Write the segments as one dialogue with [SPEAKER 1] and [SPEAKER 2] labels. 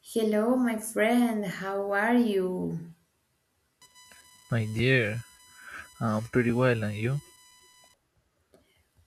[SPEAKER 1] Hello, my friend. How are you?
[SPEAKER 2] My dear, I'm pretty well, and you?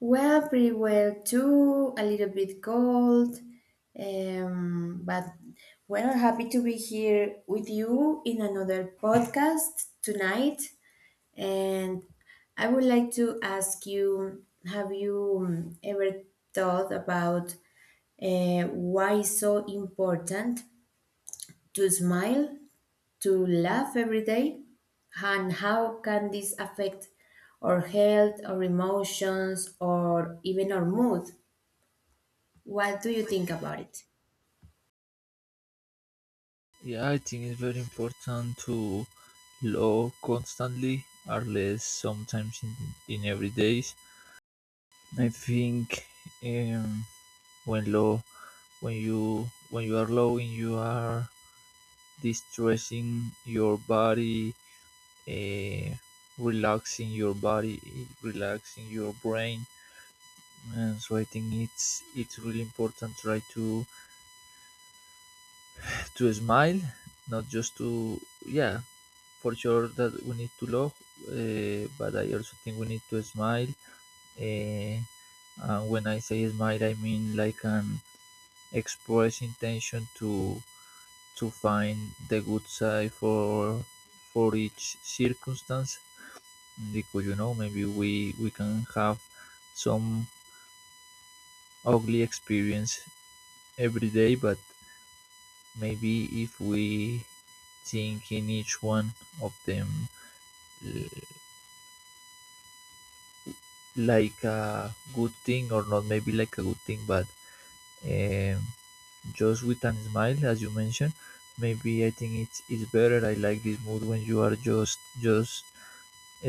[SPEAKER 1] Well, pretty well too. A little bit cold, but well, happy to be here with you in another podcast tonight. And I would like to ask you: Have you ever thought about why it's so important to smile? To laugh every day? And how can this affect our health, our emotions, or even our mood? What do you think about it?
[SPEAKER 2] Yeah, I think it's very important to love constantly, or less sometimes in every days. I think um, when low, when you are low, loving, you are distressing your body, uh, relaxing your body, relaxing your brain, and so I think it's really important try to smile, not just to yeah for sure that we need to love, but I also think we need to smile. Uh, and when I say smile, I mean like an express intention to find the good side for each circumstance because you know maybe we can have some ugly experience every day but maybe if we think in each one of them uh, like a good thing or not maybe like a good thing but um, just with a smile as you mentioned maybe I think it's better. I like this mood when you are just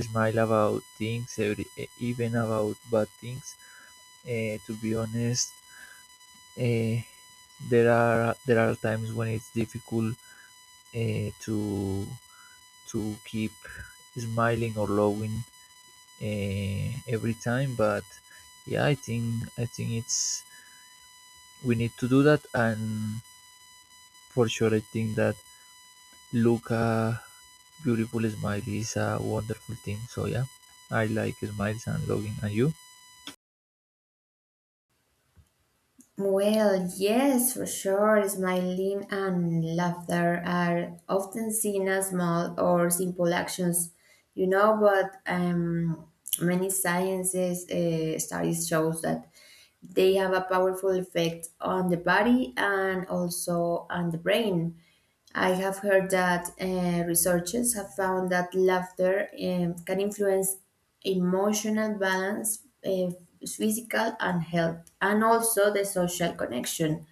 [SPEAKER 2] smile about things every, even about bad things, to be honest. Uh, there are there are times when it's difficult uh, to to keep smiling or laughing every time, but yeah, I think it's we need to do that. And for sure, I think that Luca, beautiful smile is a wonderful thing. So yeah, I like smiles and logging. And you?
[SPEAKER 1] Well, yes, for sure. Smiling and laughter are often seen as small or simple actions, you know, but many sciences studies shows that they have a powerful effect on the body and also on the brain. I have heard that researchers have found that laughter can influence emotional balance, physical and health, and also the social connection.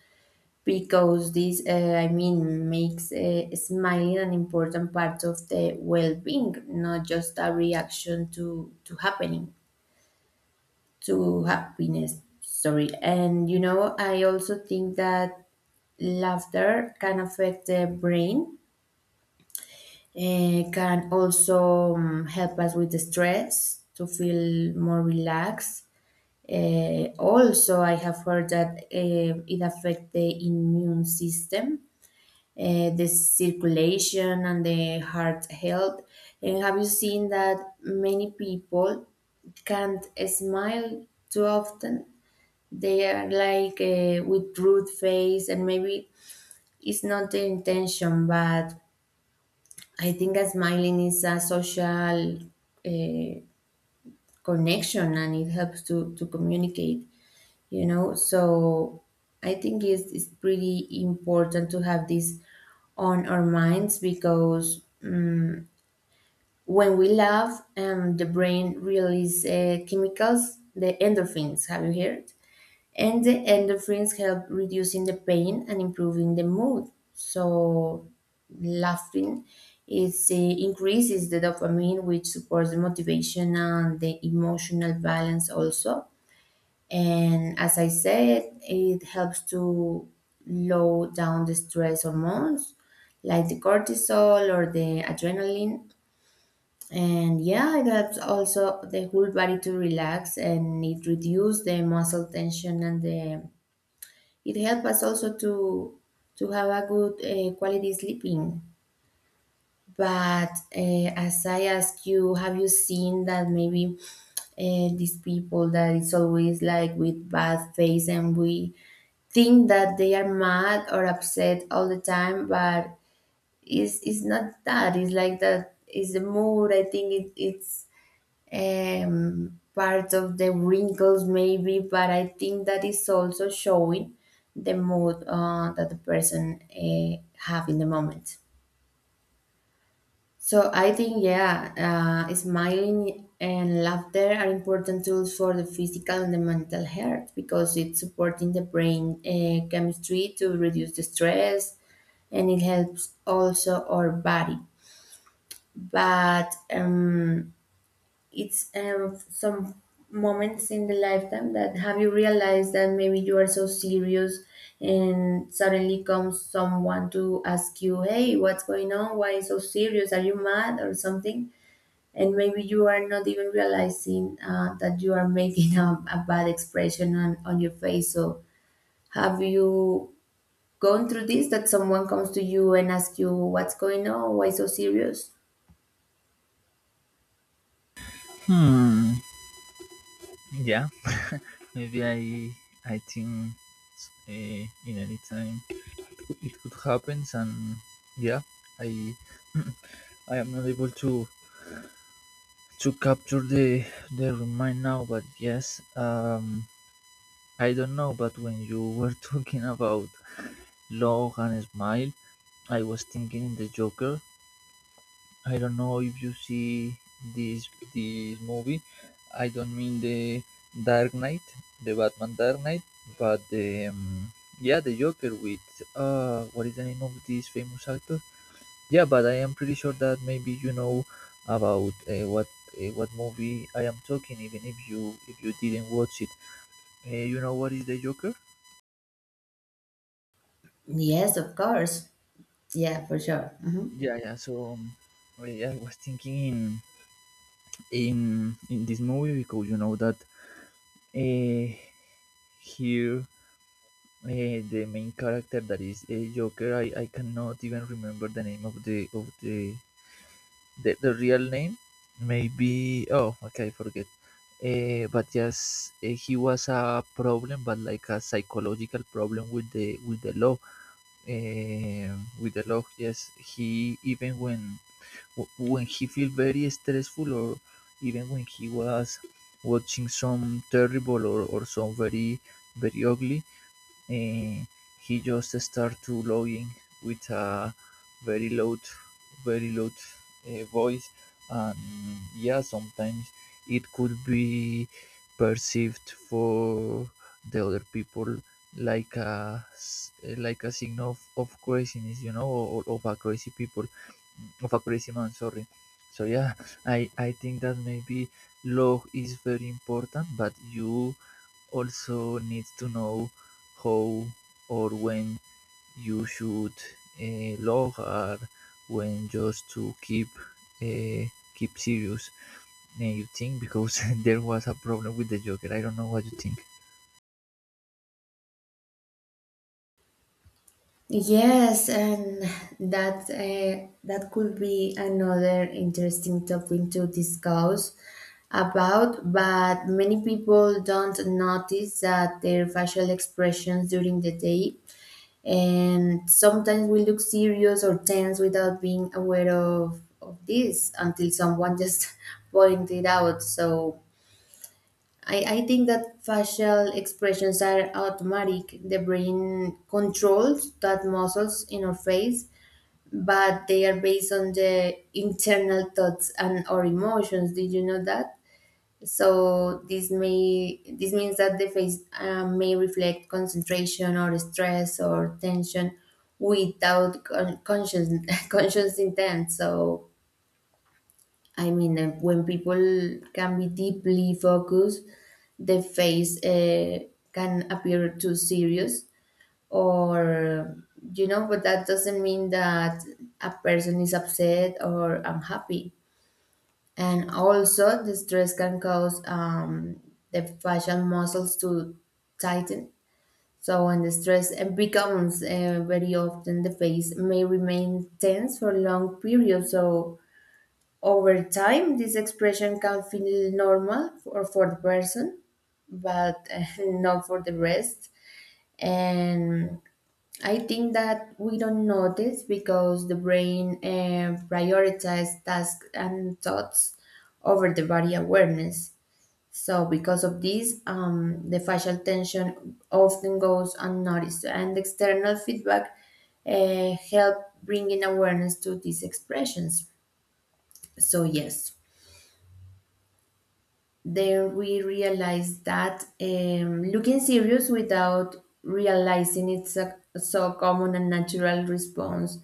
[SPEAKER 1] Because this, I mean, makes smiling an important part of the well-being, not just a reaction to happening to happiness. Sorry, and you know, I also think that laughter can affect the brain. Eh, can also help us with the stress to feel more relaxed. Eh, also, I have heard that eh, it affects the immune system, eh, the circulation, and the heart health. And have you seen that many people can't smile too often? They are like eh, with rude face, and maybe it's not the intention, but I think that smiling is a social uh, connection and it helps to communicate, you know. So I think it's pretty important to have this on our minds because when we laugh, the brain releases chemicals, the endorphins. Have you heard? And the endorphins help reducing the pain and improving the mood, so laughing is increases the dopamine, which supports the motivation and the emotional balance also. And as I said, it helps to low down the stress hormones, like the cortisol or the adrenaline. And yeah, it helps also the whole body to relax, and it reduces the muscle tension, and the it helps us also to have a good quality sleeping. But as I ask you, have you seen that maybe these people that is always like with bad face and we think that they are mad or upset all the time, but it's not that. It's like that. It's the mood. I think it's part of the wrinkles maybe, but I think that is also showing the mood that the person have in the moment. So I think, yeah, smiling and laughter are important tools for the physical and the mental health, because it's supporting the brain chemistry to reduce the stress, and it helps also our body. But it's some moments in the lifetime that have you realized that maybe you are so serious, and suddenly comes someone to ask you, hey, what's going on, why you so serious, are you mad or something? And maybe you are not even realizing that you are making a bad expression on your face. So have you gone through this, that someone comes to you and asks you what's going on, why so serious?
[SPEAKER 2] Hmm. Yeah, maybe I think uh, in any time it could happen. And yeah, I I am not able to capture the remind now. But yes, I don't know. But when you were talking about log and smile, I was thinking the Joker. I don't know if you see this this movie. I don't mean the Dark Knight, the Batman Dark Knight, but the yeah the Joker with what is the name of this famous actor? Yeah, but I am pretty sure that maybe you know about what movie I am talking, even if you didn't watch it. You know what is the Joker?
[SPEAKER 1] Yes, of course. Yeah, for sure. Mhm.
[SPEAKER 2] Yeah, yeah. So well, yeah, I was thinking in this movie because you know that Uh, here, the main character that is a Joker. I cannot even remember the name of the real name. Maybe oh okay, I forget. But yes, he was a problem, but like a psychological problem with the law. With the law, yes, he even when he feel very stressful or even when he was watching some terrible or some very very ugly, uh, he just started to logging with a very loud, very loud voice, and yeah, sometimes it could be perceived for the other people like a like a signal of craziness, you know, or of a crazy people, of a crazy man. Sorry. So yeah, I think that maybe log is very important, but you also needs to know how or when you should log lower when just to keep uh, keep serious. And you think because there was a problem with the Joker. I don't know what you think.
[SPEAKER 1] Yes, and that that could be another interesting topic to discuss about, but many people don't notice that their facial expressions during the day, and sometimes we look serious or tense without being aware of this until someone just pointed out. So I think that facial expressions are automatic. The brain controls that muscles in our face, but they are based on the internal thoughts and our emotions. Did you know that? So this means that the face may reflect concentration or stress or tension without conscious conscious intent. So I mean, when people can be deeply focused, the face can appear too serious, or you know, but that doesn't mean that a person is upset or unhappy. And also, the stress can cause the facial muscles to tighten. So, when the stress becomes very often, the face may remain tense for long periods. So, over time, this expression can feel normal for the person, but not for the rest. And I think that we don't notice because the brain prioritizes tasks and thoughts over the body awareness. So, because of this, the facial tension often goes unnoticed, and external feedback help bringing awareness to these expressions. So, yes. Then we realize that looking serious without realizing it's a so common and natural response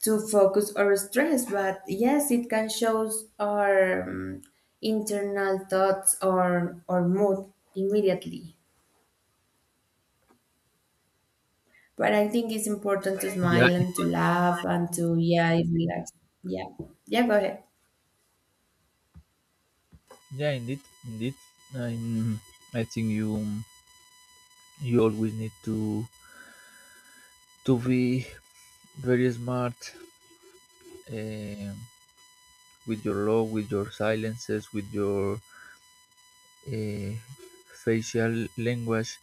[SPEAKER 1] to focus or stress, but yes, it can show our internal thoughts or mood immediately, but I think it's important to
[SPEAKER 2] Yeah,
[SPEAKER 1] smile and to laugh and to, yeah, relax. Yeah. Yeah, go ahead.
[SPEAKER 2] yeah, indeed, indeed. I, I think you you always need to be very smart eh, with your law, with your silences, with your eh, facial language.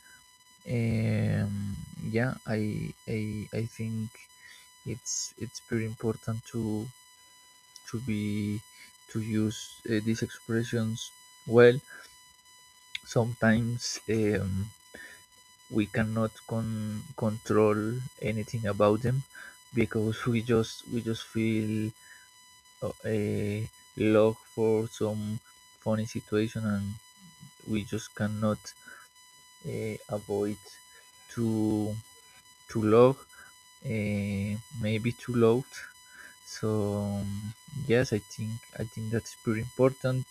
[SPEAKER 2] Um, yeah, I think it's pretty important to be to use these expressions well. Sometimes we cannot control anything about them because we just feel a log for some funny situation and we just cannot avoid to to log uh, maybe too loud. So yes, I think that's pretty important.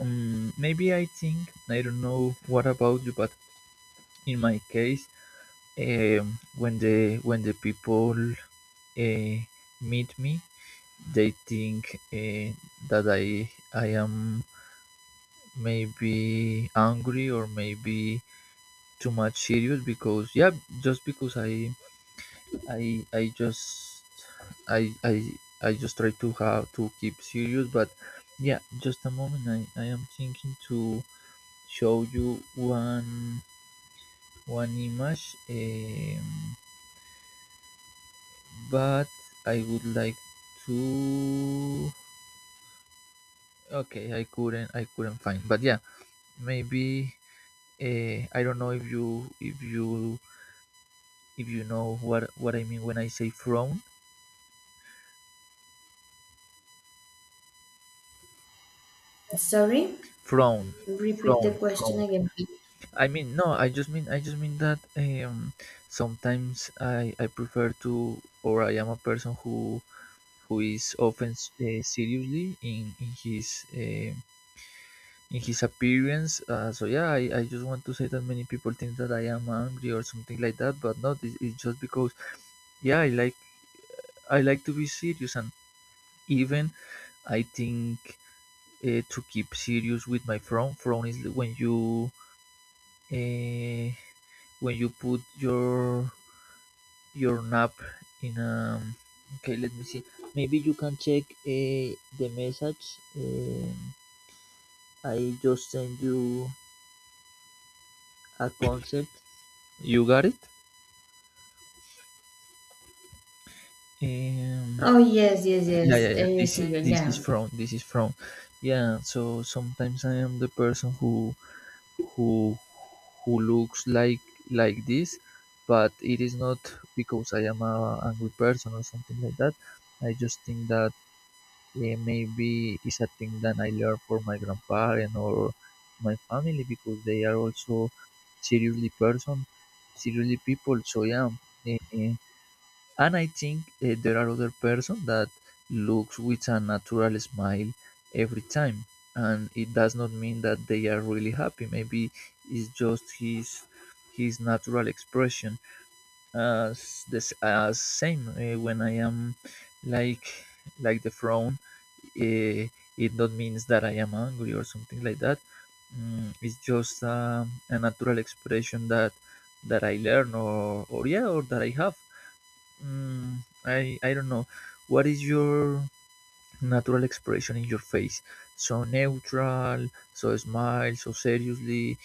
[SPEAKER 2] Maybe I think I don't know what about you, but in my case, when the people uh, meet me, they think that I am maybe angry or maybe too much serious because yeah, just because I I just I I I just try to have to keep serious, but yeah, just a moment. I am thinking to show you one image, but I would like to. Okay, I couldn't find, but yeah, maybe I don't know if you know what I mean when I say frown,
[SPEAKER 1] Sorry,
[SPEAKER 2] frown,
[SPEAKER 1] repeat the
[SPEAKER 2] frown,
[SPEAKER 1] question
[SPEAKER 2] frown.
[SPEAKER 1] again please.
[SPEAKER 2] I mean, no, I just mean that sometimes I prefer to, or I am a person who is often seriously in his in his appearance. So yeah, I just want to say that many people think that I am angry or something like that, but not. It's just because yeah, I like to be serious, and even I think to keep serious with my frown. Frown is when you. Uh, when you put your nap in okay let me see maybe you can check the message, I just sent you a concept. You got it? um
[SPEAKER 1] Oh yes, yes, yes.
[SPEAKER 2] yeah, yeah, yeah,
[SPEAKER 1] Eh,
[SPEAKER 2] this is
[SPEAKER 1] sí,
[SPEAKER 2] this is
[SPEAKER 1] ya.
[SPEAKER 2] from this is from yeah. So sometimes I am the person who who looks like this, but it is not because I am a angry person or something like that. I just think that eh, maybe it's a thing that I learned from my grandparent or my family because they are also seriously person, seriously people. So yeah, eh, and I think eh, there are other person that looks with a natural smile every time, and it does not mean that they are really happy. Maybe it's just his natural expression this same when I am like like the frown. Uh, it not means that I am angry or something like that. It's just a natural expression that that I learn or yeah or that I have. Mm, I don't know. What is your natural expression in your face? So neutral, so smile, so seriously,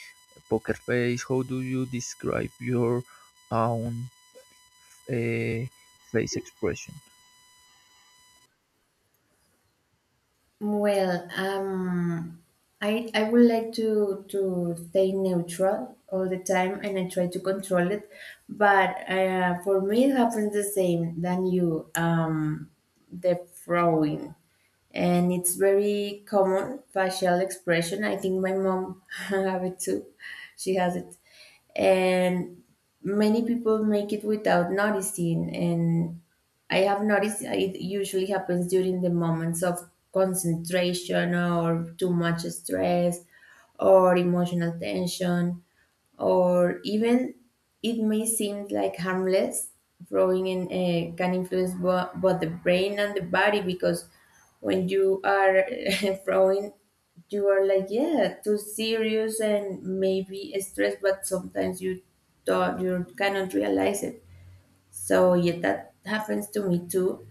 [SPEAKER 2] poker face. How do you describe your own uh, face expression?
[SPEAKER 1] Well, I would like to stay neutral all the time, and I try to control it. But for me, it happens the same than you. The throwing, and it's very common facial expression. I think my mom have it too. She has it, and many people make it without noticing, and I have noticed it usually happens during the moments of concentration or too much stress or emotional tension, or even it may seem like harmless. Throwing in can influence both the brain and the body, because when you are throwing, you are like, yeah, too serious and maybe stressed, but sometimes you don't, you cannot realize it. So yeah, that happens to me too.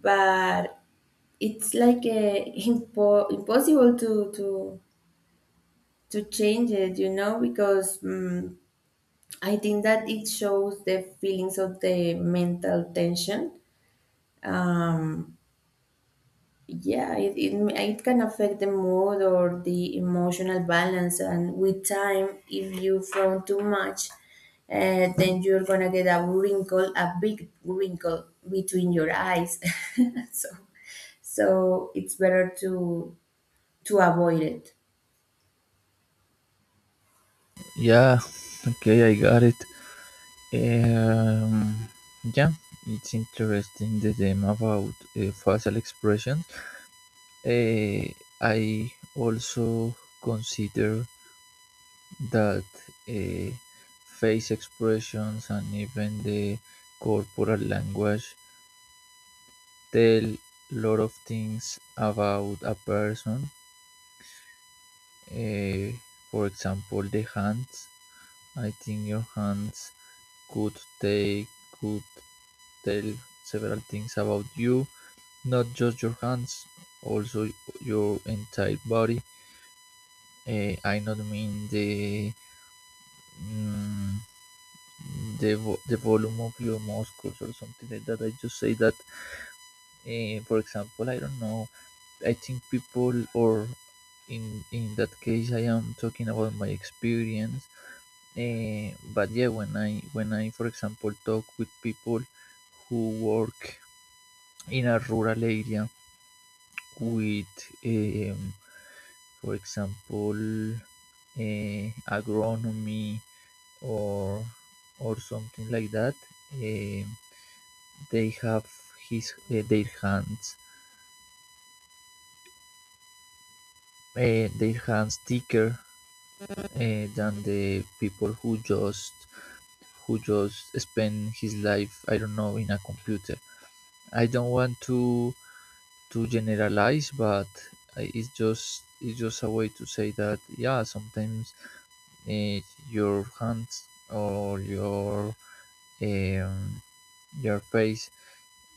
[SPEAKER 1] But it's like a impossible to change it, you know, because mm I think that it shows the feelings of the mental tension. Yeah, it can affect the mood or the emotional balance. And with time, if you frown too much, then you're gonna get a wrinkle, a big wrinkle between your eyes. So, so it's better to avoid it.
[SPEAKER 2] Yeah, okay, I got it. Um, yeah, it's interesting the theme about facial expressions. Uh, I also consider that uh, face expressions and even the corporal language tell a lot of things about a person. Uh, for example, the hands. I think your hands could they could tell several things about you, not just your hands, also your entire body. Eh, I not mean the mm, the volume of your muscles or something like that. I just say that, eh, for example, I don't know. I think people or in that case, I am talking about my experience. Eh, but yeah, when I, for example, talk with people who work in a rural area with, um, for example, agronomy or or something like that. Uh, they have his their hands thicker than the people who just spend his life I don't know in a computer. I don't want to generalize, but eh, it's just a way to say that yeah sometimes eh, your hands or um, your face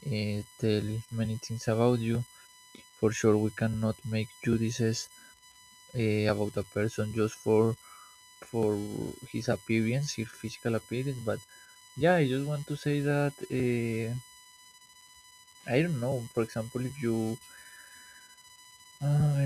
[SPEAKER 2] tell many things about you. For sure, we cannot make judices about a person just for his appearance, his physical appearance. But yeah, I just want to say that I don't know. For example, if you uh,